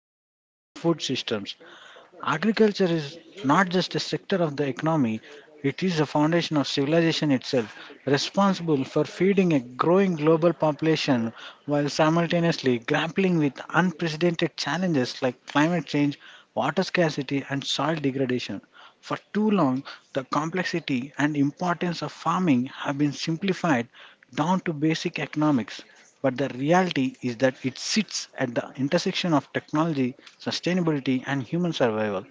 future of our food systems. Agriculture is not just a sector of the economy, it is the foundation of civilization itself, responsible for feeding a growing global population while simultaneously grappling with unprecedented challenges like climate change, water scarcity, and soil degradation. For too long, the complexity and importance of farming have been simplified down to basic economics. But the reality is that it sits at the intersection of technology, sustainability, and human survival.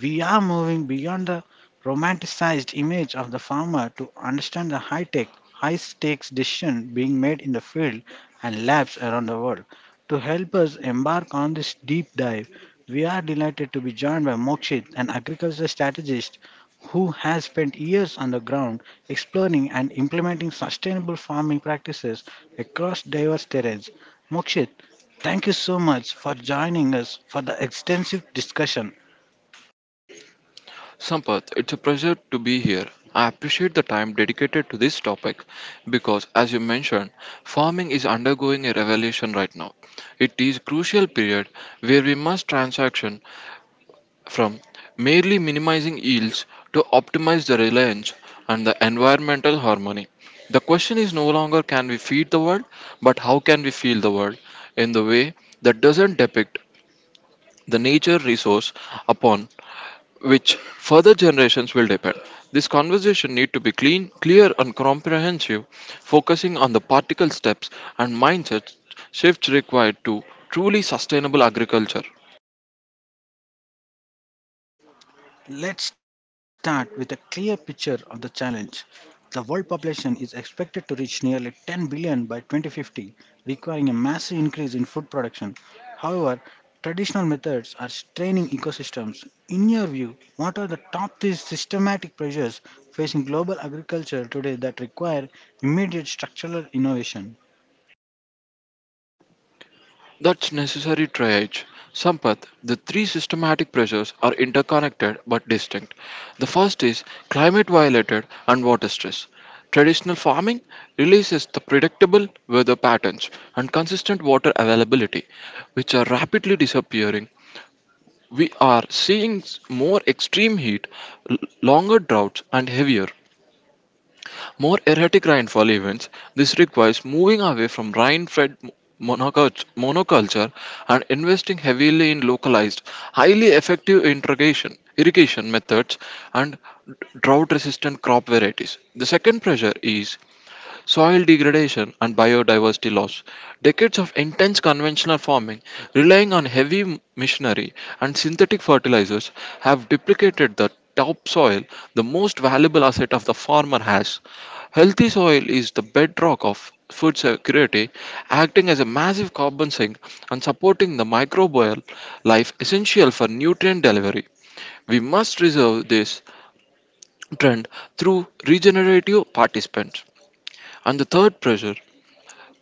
We are moving beyond the romanticized image of the farmer to understand the high tech, high stakes decisions being made in the field and labs around the world. To help us embark on this deep dive, we are delighted to be joined by Mokshit, an agricultural strategist who has spent years on the ground exploring and implementing sustainable farming practices across diverse terrains. Mokshit, thank you so much for joining us for the extensive discussion. Sampath, it's a pleasure to be here. I appreciate the time dedicated to this topic because, as you mentioned, farming is undergoing a revolution right now. It is crucial period where we must transaction from merely minimizing yields to optimize the reliance and the environmental harmony. The question is no longer can we feed the world, but how can we feel the world in the way that doesn't depict the nature resource upon which further generations will depend. This conversation need to be clean, clear and comprehensive, focusing on the particle steps and mindset shifts required to truly sustainable agriculture. Let's start with a clear picture of the challenge. The world population is expected to reach nearly 10 billion by 2050, requiring a massive increase in food production. However, traditional methods are straining ecosystems. In your view, what are the top three systematic pressures facing global agriculture today that require immediate structural innovation? That's necessary triage. Sampath, the three systematic pressures are interconnected but distinct. The first is climate violated and water stress. Traditional farming releases the predictable weather patterns and consistent water availability, which are rapidly disappearing. We are seeing more extreme heat, longer droughts, and heavier, more erratic rainfall events. This requires moving away from rain fed monoculture and investing heavily in localized, highly effective irrigation methods and drought resistant crop varieties. The second pressure is soil degradation and biodiversity loss. Decades of intense conventional farming, relying on heavy machinery and synthetic fertilizers, have duplicated the topsoil, the most valuable asset of the farmer has. Healthy soil is the bedrock of food security, acting as a massive carbon sink and supporting the microbial life essential for nutrient delivery. We must reserve this trend through regenerative participants. And the third pressure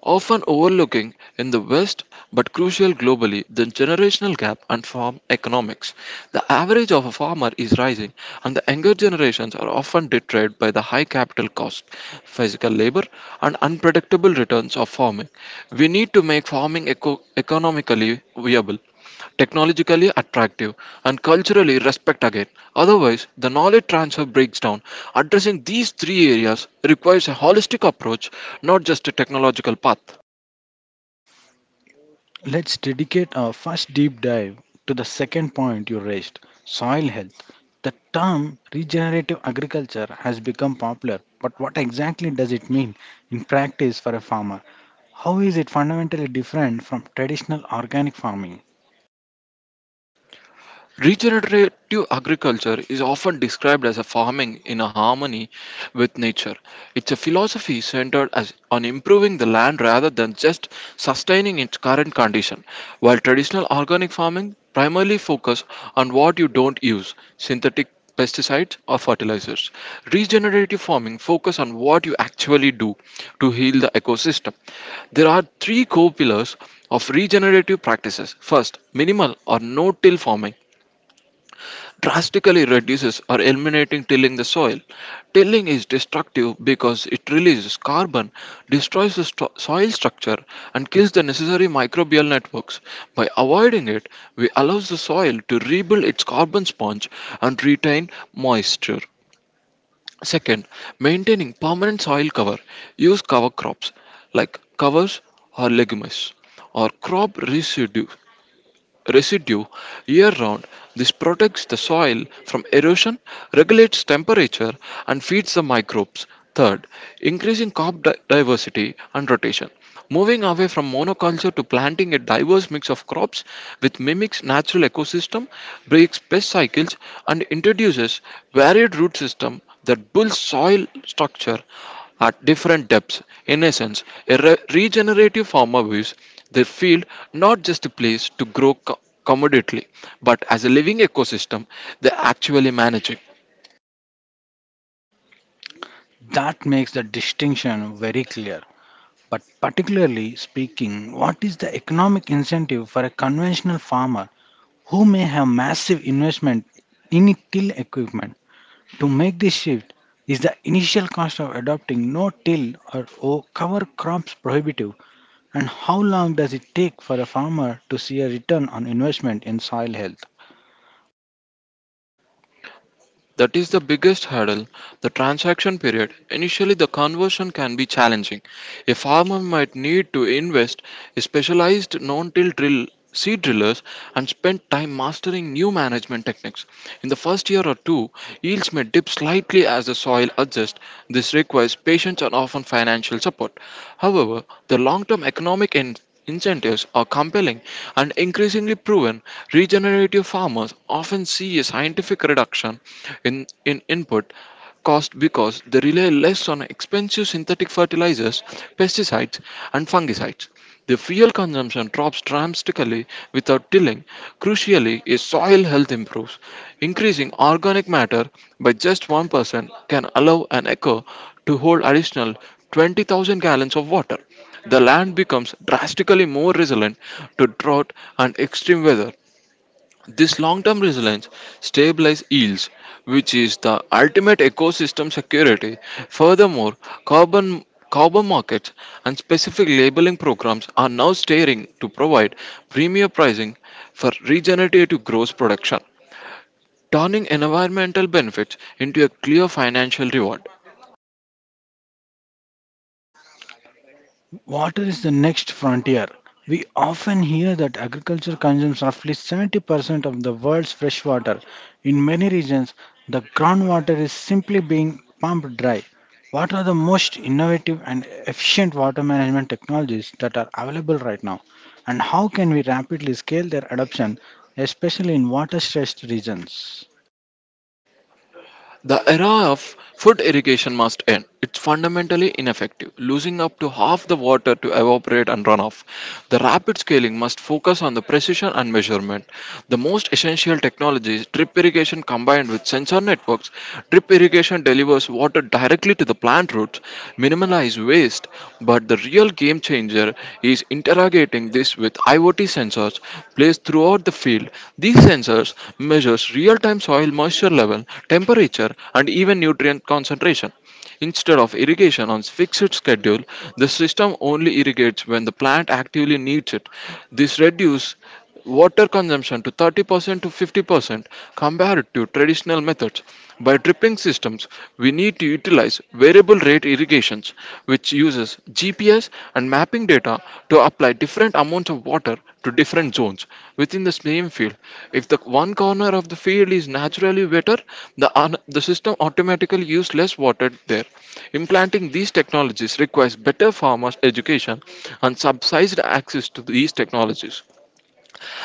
often overlooking in the West but crucial globally, the generational gap and farm economics. The average of a farmer is rising, and the younger generations are often deterred by the high capital cost, physical labor, and unpredictable returns of farming. We need to make farming economically viable, technologically attractive, and culturally respect again. Otherwise, the knowledge transfer breaks down. Addressing these three areas requires a holistic approach, not just a technological path. Let's dedicate our first deep dive to the second point you raised, soil health. The term regenerative agriculture has become popular, but what exactly does it mean in practice for a farmer? How is it fundamentally different from traditional organic farming? Regenerative agriculture is often described as a farming in a harmony with nature. It's a philosophy on improving the land rather than just sustaining its current condition. While traditional organic farming primarily focus on what you don't use, synthetic pesticides or fertilizers. Regenerative farming focus on what you actually do to heal the ecosystem. There are three core pillars of regenerative practices. First, minimal or no-till farming drastically reduces or eliminating tilling the soil. Tilling is destructive because it releases carbon, destroys the soil structure, and kills the necessary microbial networks. By avoiding it, we allows the soil to rebuild its carbon sponge and retain moisture. Second, maintaining permanent soil cover. Use cover crops like covers or legumes or crop residue year round. This protects the soil from erosion, regulates temperature, and feeds the microbes. Third, increasing crop diversity and rotation. Moving away from monoculture to planting a diverse mix of crops which mimics natural ecosystem, breaks pest cycles, and introduces varied root system that builds soil structure at different depths. In essence, a regenerative farmer views their field not just a place to grow commoditely, but as a living ecosystem they actually manage. That makes the distinction very clear. But particularly speaking, what is the economic incentive for a conventional farmer who may have massive investment in till equipment? To make this shift, is the initial cost of adopting no-till or cover crops prohibitive, and how long does it take for a farmer to see a return on investment in soil health? That is the biggest hurdle, the transaction period. Initially, the conversion can be challenging. A farmer might need to invest in specialized non-till drill seed drillers and spend time mastering new management techniques. In the first year or two, yields may dip slightly as the soil adjusts. This requires patience and often financial support. However, the long-term economic incentives are compelling and increasingly proven, regenerative farmers often see a scientific reduction in input cost because they rely less on expensive synthetic fertilizers, pesticides, and fungicides. The fuel consumption drops dramatically without tilling. Crucially, a soil health improves. Increasing organic matter by just 1% can allow an acre to hold additional 20,000 gallons of water. The land becomes drastically more resilient to drought and extreme weather. This long term resilience stabilizes yields, which is the ultimate ecosystem security. Furthermore, carbon carbon markets and specific labeling programs are now steering to provide premier pricing for regenerative growth production, turning environmental benefits into a clear financial reward. Water is the next frontier. We often hear that agriculture consumes roughly 70% of the world's fresh water. In many regions, the groundwater is simply being pumped dry. What are the most innovative and efficient water management technologies that are available right now? And how can we rapidly scale their adoption, especially in water stressed regions? The era of food irrigation must end. It's fundamentally ineffective, losing up to half the water to evaporate and run off. The rapid scaling must focus on the precision and measurement. The most essential technologies, drip irrigation combined with sensor networks, drip irrigation delivers water directly to the plant roots, minimize waste, but the real game changer is interrogating this device with IoT sensors placed throughout the field. These sensors measures real-time soil moisture level, temperature, and even nutrient concentration. Instead of irrigation on fixed schedule, the system only irrigates when the plant actively needs it. This reduces water consumption to 30% to 50% compared to traditional methods. By dripping systems, we need to utilize variable rate irrigations, which uses GPS and mapping data to apply different amounts of water to different zones within the same field. If the one corner of the field is naturally wetter, the system automatically uses less water there. Implanting these technologies requires better farmers' education and subsidized access to these technologies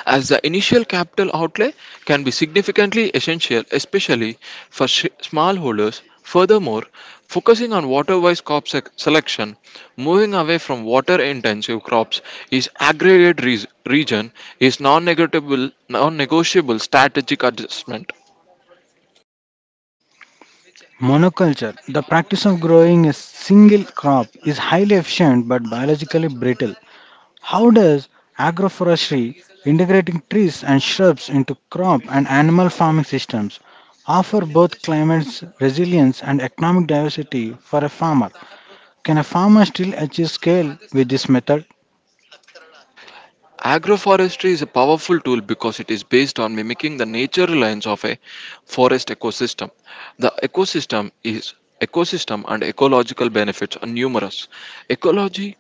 as the initial capital outlay can be significantly essential, especially for smallholders. Furthermore, focusing on water wise crop selection, moving away from water intensive crops is aggregate region is non negotiable strategic adjustment. Monoculture, the practice of growing a single crop, is highly efficient but biologically brittle. How does agroforestry, integrating trees and shrubs into crop and animal farming systems, offer both climate resilience and economic diversity for a farmer? Can a farmer still achieve scale with this method? Agroforestry is a powerful tool because it is based on mimicking the natural lines of a forest ecosystem. The ecosystem and ecological benefits are numerous. Ecology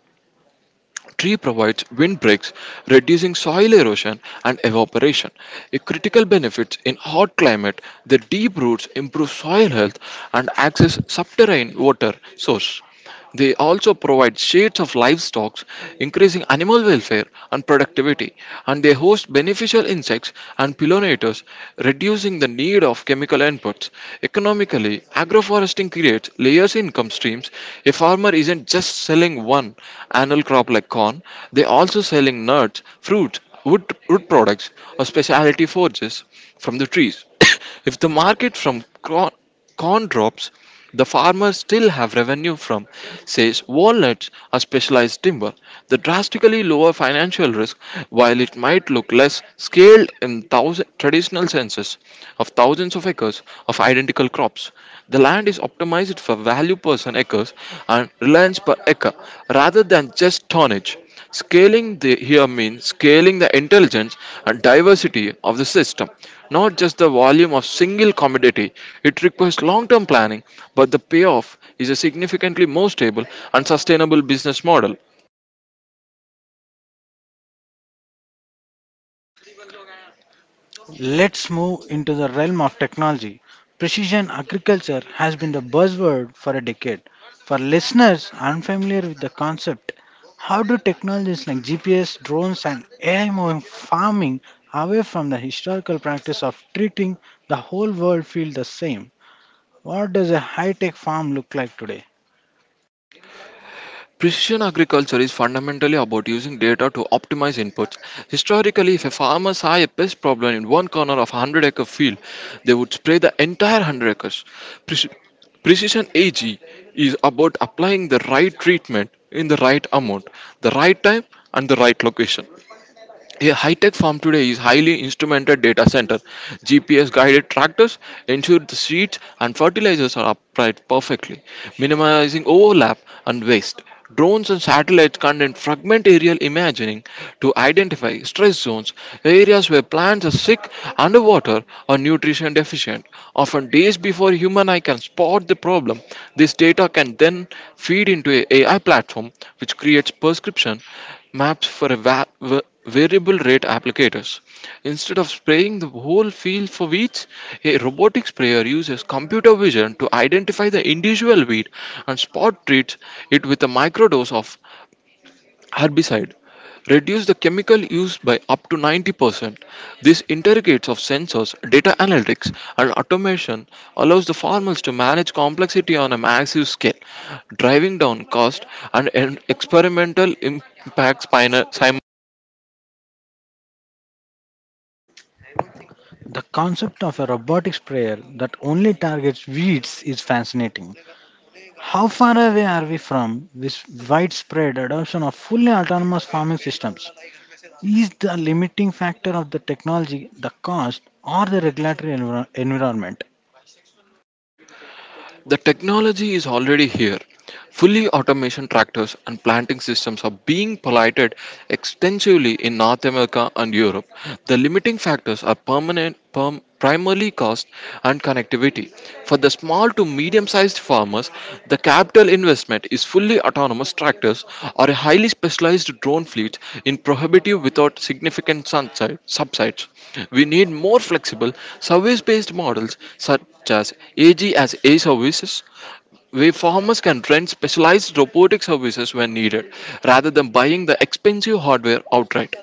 Tree provides windbreaks, reducing soil erosion and evaporation. A critical benefits in hot climate, the deep roots improve soil health and access subterranean water source. They also provide shades of livestock, increasing animal welfare and productivity, and they host beneficial insects and pollinators, reducing the need of chemical inputs. Economically, agroforestry harvesting creates layers in income streams. A farmer isn't just selling one annual crop like corn, they also selling nuts, fruit, wood products, or specialty forages from the trees. If the market from corn drops, the farmers still have revenue from, says, walnuts or specialized timber, the drastically lower financial risk, while it might look less scaled in thousand, traditional senses of thousands of acres of identical crops. The land is optimized for value per acres and reliance per acre rather than just tonnage. Here means scaling the intelligence and diversity of the system, not just the volume of single commodity. It requires long term planning, but the payoff is a significantly more stable and sustainable business model. Let's move into the realm of technology. Precision agriculture has been the buzzword for a decade. For listeners unfamiliar with the concept, how do technologies like GPS, drones, and AI move farming away from the historical practice of treating the whole world feel the same? What does a high tech farm look like today? Precision agriculture is fundamentally about using data to optimize inputs. Historically, if a farmer saw a pest problem in one corner of a 100-acre field, they would spray the entire 100 acres. Preci- Precision AG is about applying the right treatment in the right amount, the right time, and the right location. A high-tech farm today is highly instrumented data center. GPS-guided tractors ensure the seeds and fertilizers are applied perfectly, minimizing overlap and waste. Drones and satellites conduct fragment aerial imaging to identify stress zones, areas where plants are sick, underwater, or nutrition deficient. Often days before human eye can spot the problem, this data can then feed into a AI platform, which creates prescription maps for a variable rate applicators. Instead of spraying the whole field for weeds, a robotic sprayer uses computer vision to identify the individual weed and spot treats it with a microdose of herbicide. Reduce the chemical use by up to 90%. This interrogates of sensors, data analytics, and automation allows the farmers to manage complexity on a massive scale, driving down cost and experimental impacts pina- The concept of a robotic sprayer that only targets weeds is fascinating. How far away are we from this widespread adoption of fully autonomous farming systems? Is the limiting factor of the technology the cost or the regulatory environment? The technology is already here. Fully automation tractors and planting systems are being piloted extensively in North America and Europe. The limiting factors are primarily cost and connectivity. For the small to medium sized farmers, the capital investment is fully autonomous tractors or a highly specialized drone fleet in prohibitive without significant subsides. We need more flexible, service based models as AG as A services, where farmers can rent specialized robotic services when needed, rather than buying the expensive hardware outright.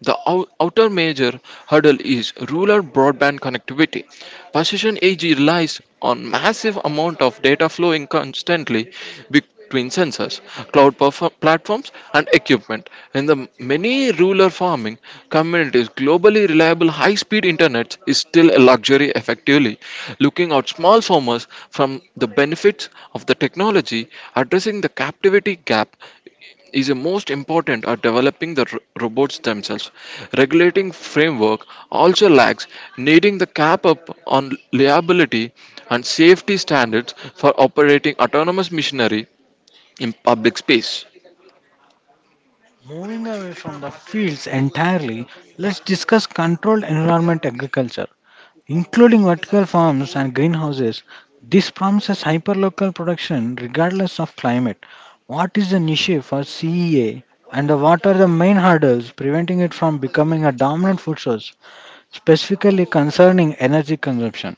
The outer major hurdle is rural broadband connectivity. Precision AG relies on massive amount of data flowing constantly between sensors, platforms, and equipment. In the many rural farming communities, globally reliable high-speed internet is still a luxury effectively, looking out small farmers from the benefits of the technology, addressing the captivity gap is the most important are developing the robots themselves. Regulating framework also lacks, needing the cap up on liability and safety standards for operating autonomous machinery in public space. Moving away from the fields entirely, let's discuss controlled environment agriculture, including vertical farms and greenhouses. This promises hyperlocal production regardless of climate. What is the niche for CEA and what are the main hurdles preventing it from becoming a dominant food source, specifically concerning energy consumption?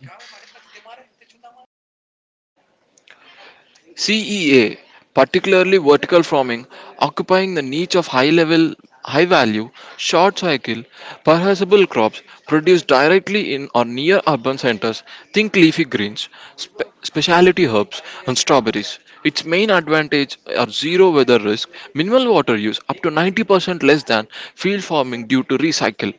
CEA, particularly vertical farming, occupying the niche of high level, high value, short cycle, perishable crops produced directly in or near urban centers. Think leafy greens, specialty herbs, and strawberries. Its main advantage are zero weather risk, minimal water use, up to 90% less than field farming due to recycle,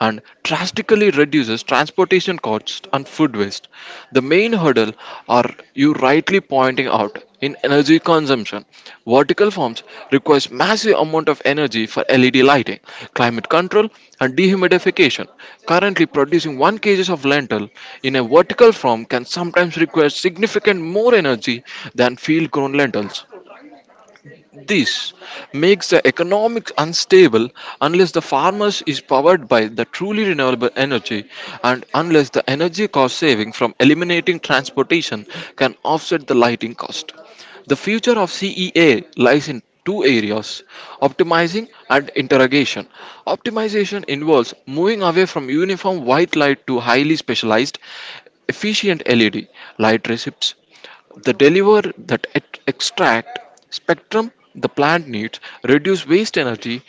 and drastically reduces transportation costs and food waste. The main hurdle are you rightly pointing out in energy consumption. Vertical farms requires massive amount of energy for LED lighting, climate control, and dehumidification. Currently producing 1 kg of lentil in a vertical farm can sometimes require significant more energy than field grown lentils. This makes the economics unstable unless the farmers is powered by the truly renewable energy, and unless the energy cost saving from eliminating transportation can offset the lighting cost. The future of CEA lies in two areas: optimizing and interrogation. Optimization involves moving away from uniform white light to highly specialized, efficient LED light receipts they deliver that extract spectrum the plant needs, reduce waste energy.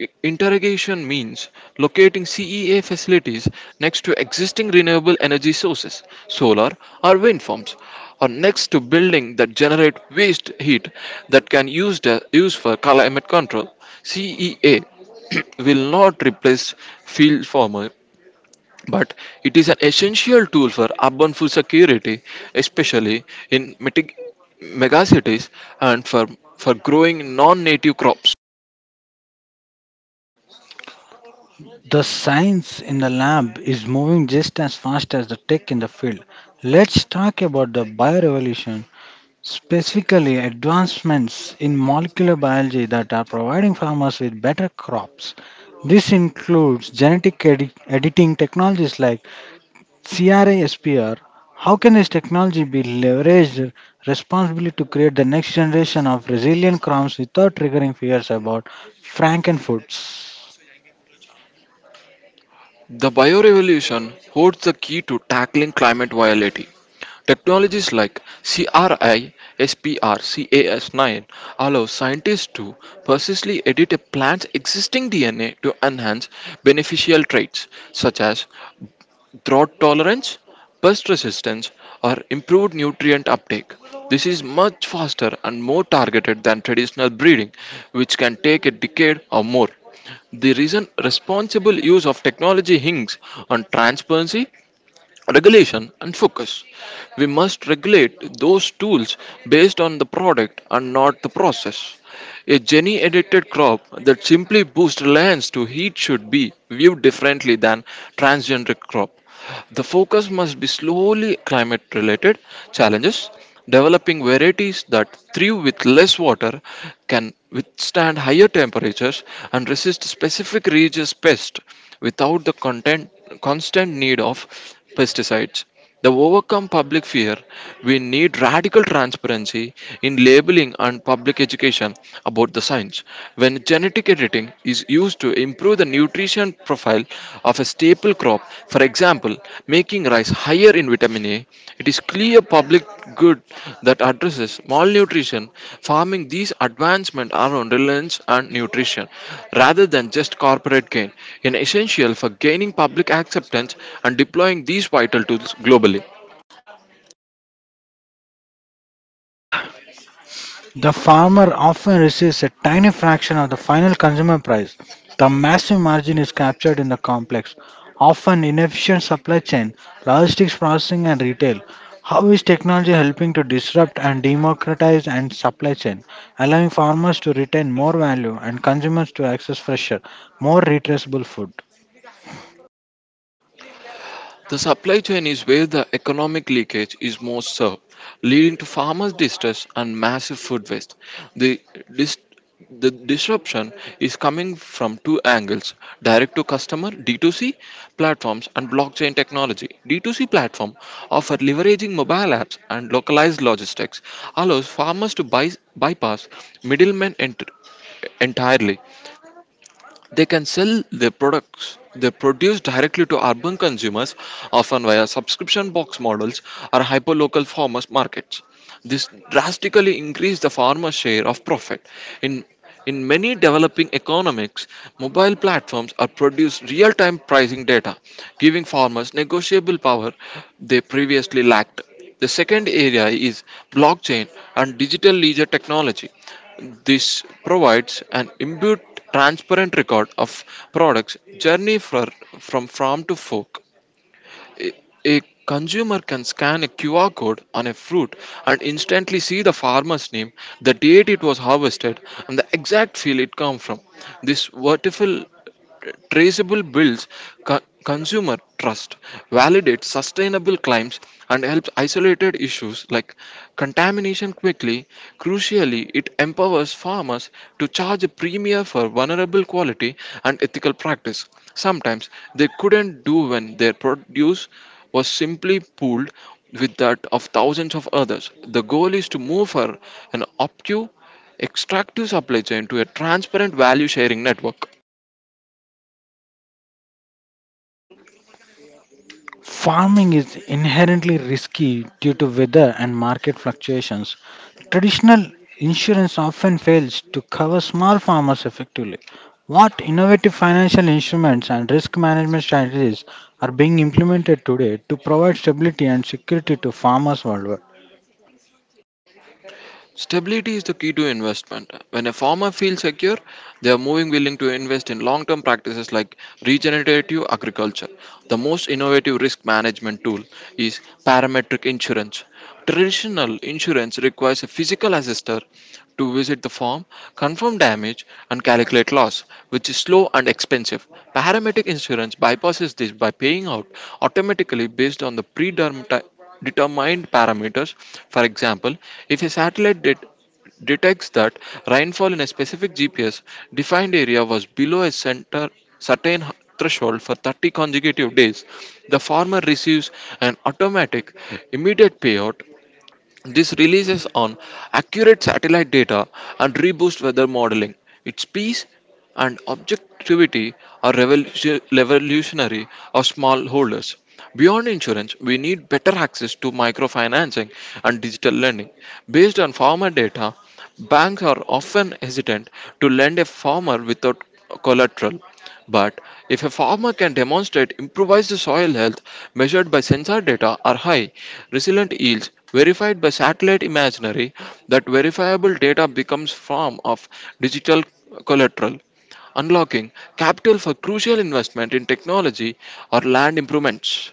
Interrogation means locating CEA facilities next to existing renewable energy sources, solar or wind farms, or next to buildings that generate waste heat that can use for climate control. CEA will not replace field farmer, but it is an essential tool for urban food security, especially in megacities and for growing non native crops. The science in the lab is moving just as fast as the tech in the field. Let's talk about the biorevolution, specifically advancements in molecular biology that are providing farmers with better crops. This includes genetic editing technologies like CRISPR. How can this technology be leveraged responsibly to create the next generation of resilient crops without triggering fears about frankenfoods? The biorevolution holds the key to tackling climate volatility. Technologies like CAS9 allow scientists to precisely edit a plant's existing DNA to enhance beneficial traits such as drought tolerance, pest resistance, or improved nutrient uptake. This is much faster and more targeted than traditional breeding, which can take a decade or more. The reason responsible use of technology hinges on transparency, regulation, and focus. We must regulate those tools based on the product and not the process. A gene edited crop that simply boosts reliance to heat should be viewed differently than transgenic crop. The focus must be slowly climate related challenges, developing varieties that thrive with less water, can withstand higher temperatures, and resist specific regions' pests without the constant need of pesticides. To overcome public fear, we need radical transparency in labeling and public education about the science. When genetic editing is used to improve the nutrition profile of a staple crop, for example, making rice higher in vitamin A. It is clear public good that addresses malnutrition, farming these advancement around reliance and nutrition rather than just corporate gain, an essential for gaining public acceptance and deploying these vital tools globally. The farmer often receives a tiny fraction of the final consumer price. The massive margin is captured in the complex, often inefficient supply chain, logistics processing, and retail. How is technology helping to disrupt and democratize and supply chain, allowing farmers to retain more value and consumers to access fresher, more retraceable food? The supply chain is where the economic leakage is most served, leading to farmers' distress and massive food waste. The, dis- the disruption is coming from two angles: direct to customer D2C platforms and blockchain technology. D2C platform offer leveraging mobile apps and localized logistics allows farmers to bypass middlemen entirely. They can sell their products they produce directly to urban consumers, often via subscription box models or hyperlocal farmers markets. This drastically increased the farmer's share of profit. In in many developing economies, mobile platforms are produce real-time pricing data, giving farmers negotiable power they previously lacked. The second area is blockchain and digital ledger technology. This provides an inbuilt transparent record of products journey from farm to fork. A, a consumer can scan a QR code on a fruit and instantly see the farmer's name, the date it was harvested, and the exact field it came from. This vertical traceable builds consumer trust, validates sustainable claims, and helps isolated issues like contamination quickly. Crucially, it empowers farmers to charge a premium for vulnerable quality and ethical practice. Sometimes they couldn't do when their produce was simply pooled with that of thousands of others. The goal is to move for an optive extractive supply chain to a transparent value sharing network. Farming is inherently risky due to weather and market fluctuations. Traditional insurance often fails to cover small farmers effectively. What innovative financial instruments and risk management strategies are being implemented today to provide stability and security to farmers worldwide? Stability is the key to investment. When a farmer feels secure, they are moving willing to invest in long term practices like regenerative agriculture. The most innovative risk management tool is parametric insurance. Traditional insurance requires a physical assessor to visit the farm, confirm damage, and calculate loss, which is slow and expensive. Parametric insurance bypasses this by paying out automatically based on the predetermined parameters. For example, if a satellite detects that rainfall in a specific GPS defined area was below a center, certain threshold for 30 consecutive days, the farmer receives an automatic immediate payout. This relies on accurate satellite data and reboost weather modeling. Its peace and objectivity are revolutionary for smallholders. Beyond insurance, we need better access to microfinancing and digital lending. Based on farmer data, banks are often hesitant to lend a farmer without collateral. But if a farmer can demonstrate improvised soil health measured by sensor data are high, resilient yields verified by satellite imagery, that verifiable data becomes form of digital collateral, unlocking capital for crucial investment in technology or land improvements.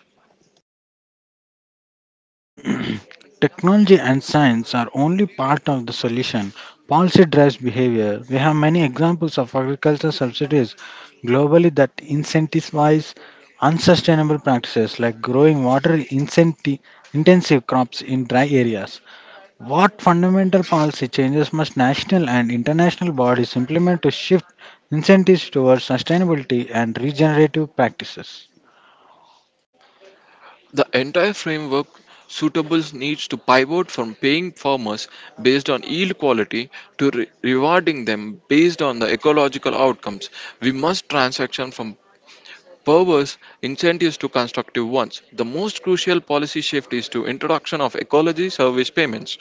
Technology and science are only part of the solution. Policy drives behavior. We have many examples of agricultural subsidies globally that incentivize unsustainable practices like growing water intensive crops in dry areas. What fundamental policy changes must national and international bodies implement to shift incentives towards sustainability and regenerative practices? The entire framework suitables needs to pivot from paying farmers based on yield quality to rewarding them based on the ecological outcomes. We must transition from perverse incentives to constructive ones. The most crucial policy shift is to introduction of ecology service payments.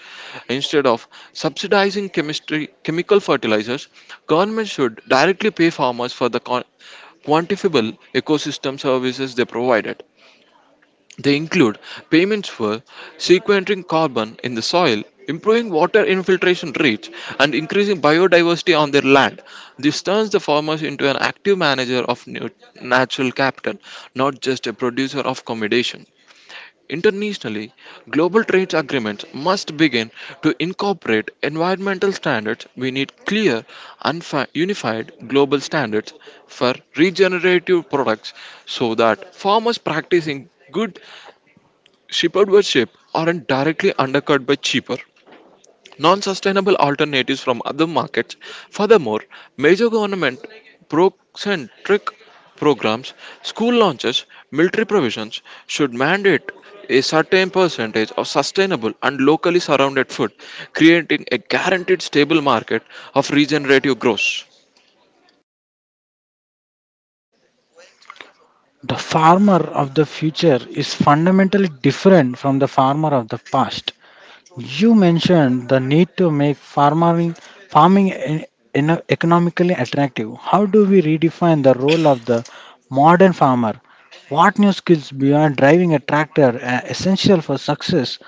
Instead of subsidizing chemistry chemical fertilizers, government should directly pay farmers for the quantifiable ecosystem services they provided. They include payments for sequestering carbon in the soil, improving water infiltration rates, and increasing biodiversity on their land. This turns the farmers into an active manager of natural capital, not just a producer of accommodation. Internationally, global trade agreements must begin to incorporate environmental standards. We need clear, unified global standards for regenerative products so that farmers practicing good Shepherd worship aren't directly undercut by cheaper, non sustainable alternatives from other markets. Furthermore, major government pro centric programs, school launches, military provisions should mandate a certain percentage of sustainable and locally surrounded food, creating a guaranteed stable market of regenerative growth. The farmer of the future is fundamentally different from the farmer of the past. You mentioned the need to make farming economically attractive. How do we redefine the role of the modern farmer? What new skills beyond driving a tractor are essential for success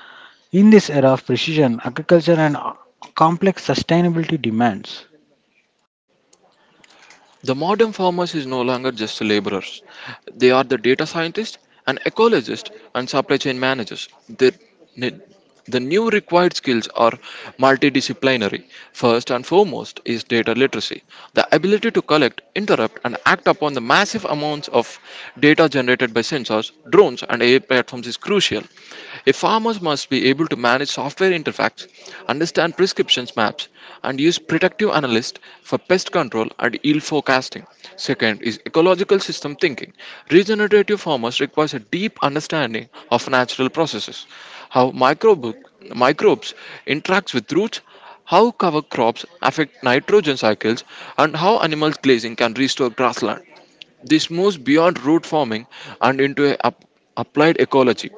in this era of precision agriculture and complex sustainability demands? The modern farmers is no longer just laborers. They are the data scientists and ecologists and supply chain managers. The new required skills are multidisciplinary. First and foremost is data literacy, the ability to collect, interrupt, and act upon the massive amounts of data generated by sensors, drones, and AI platforms is crucial. A farmer must be able to manage software interfacts, understand prescriptions maps, and use predictive analysis for pest control and yield forecasting. Second is ecological system thinking. Regenerative farmers requires a deep understanding of natural processes, how microbes interact with roots, how cover crops affect nitrogen cycles, and how animal grazing can restore grassland. This moves beyond root farming and into a applied ecology.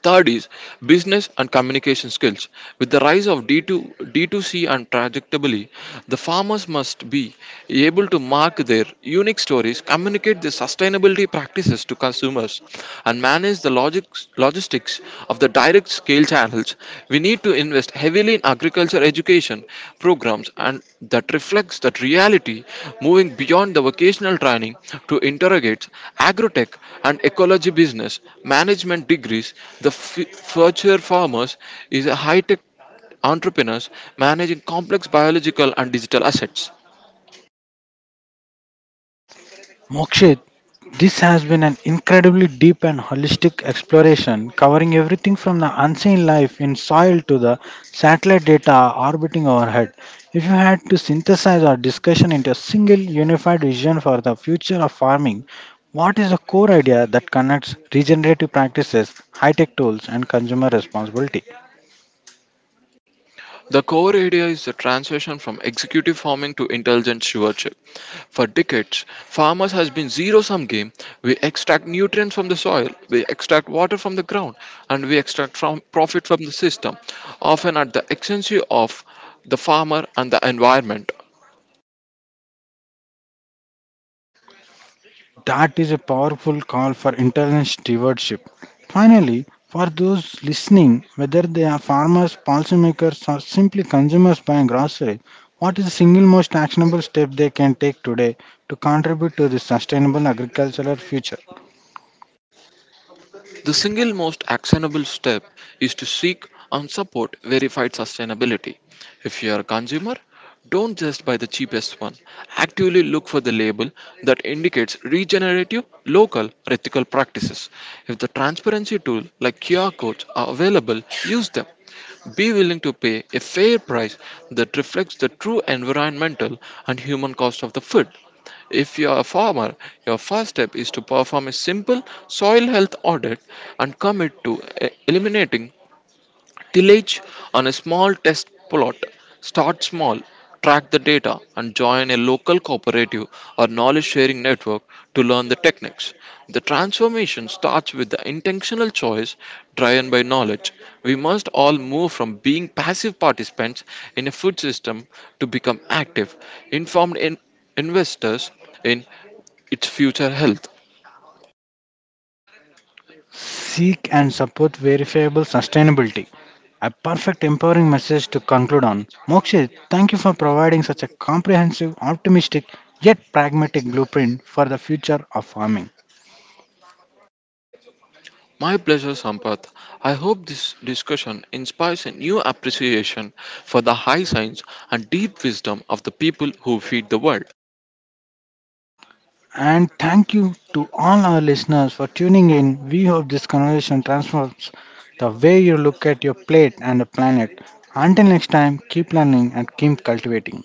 Third is business and communication skills. With the rise of D2C and trajectory, the farmers must be able to market their unique stories, communicate the sustainability practices to consumers, and manage the logistics of the direct scale channels. We need to invest heavily especially in agriculture education programs, and that reflects that reality, moving beyond the vocational training to interrogate agrotech and ecology business management degrees. The future farmers is a high tech entrepreneurs managing complex biological and digital assets. Mokshit, this has been an incredibly deep and holistic exploration covering everything from the unseen life in soil to the satellite data orbiting overhead. If you had to synthesize our discussion into a single unified vision for the future of farming, what is the core idea that connects regenerative practices, high tech tools, and consumer responsibility? The core idea is the transition from executive farming to intelligent stewardship. For decades, farmers has been zero-sum game. We extract nutrients from the soil, we extract water from the ground, and we extract from profit from the system, often at the expense of the farmer and the environment. That is a powerful call for internet stewardship. Finally, for those listening, whether they are farmers, policymakers, or simply consumers buying groceries, what is the single most actionable step they can take today to contribute to the sustainable agricultural future? The single most actionable step is to seek and support verified sustainability. If you are a consumer, don't just buy the cheapest one. Actively look for the label that indicates regenerative, local, or ethical practices. If the transparency tool like QR codes are available, use them. Be willing to pay a fair price that reflects the true environmental and human cost of the food. If you are a farmer, your first step is to perform a simple soil health audit and commit to eliminating tillage on a small test plot. Start small, track the data, and join a local cooperative or knowledge sharing network to learn the techniques. The transformation starts with the intentional choice driven by knowledge. We must all move from being passive participants in a food system to become active, informed investors in its future health. Seek and support verifiable sustainability. A perfect empowering message to conclude on. Mokshit, thank you for providing such a comprehensive, optimistic, yet pragmatic blueprint for the future of farming. My pleasure, Sampath. I hope this discussion inspires a new appreciation for the high science and deep wisdom of the people who feed the world. And thank you to all our listeners for tuning in. We hope this conversation transforms the way you look at your plate and the planet. Until next time, keep learning and keep cultivating.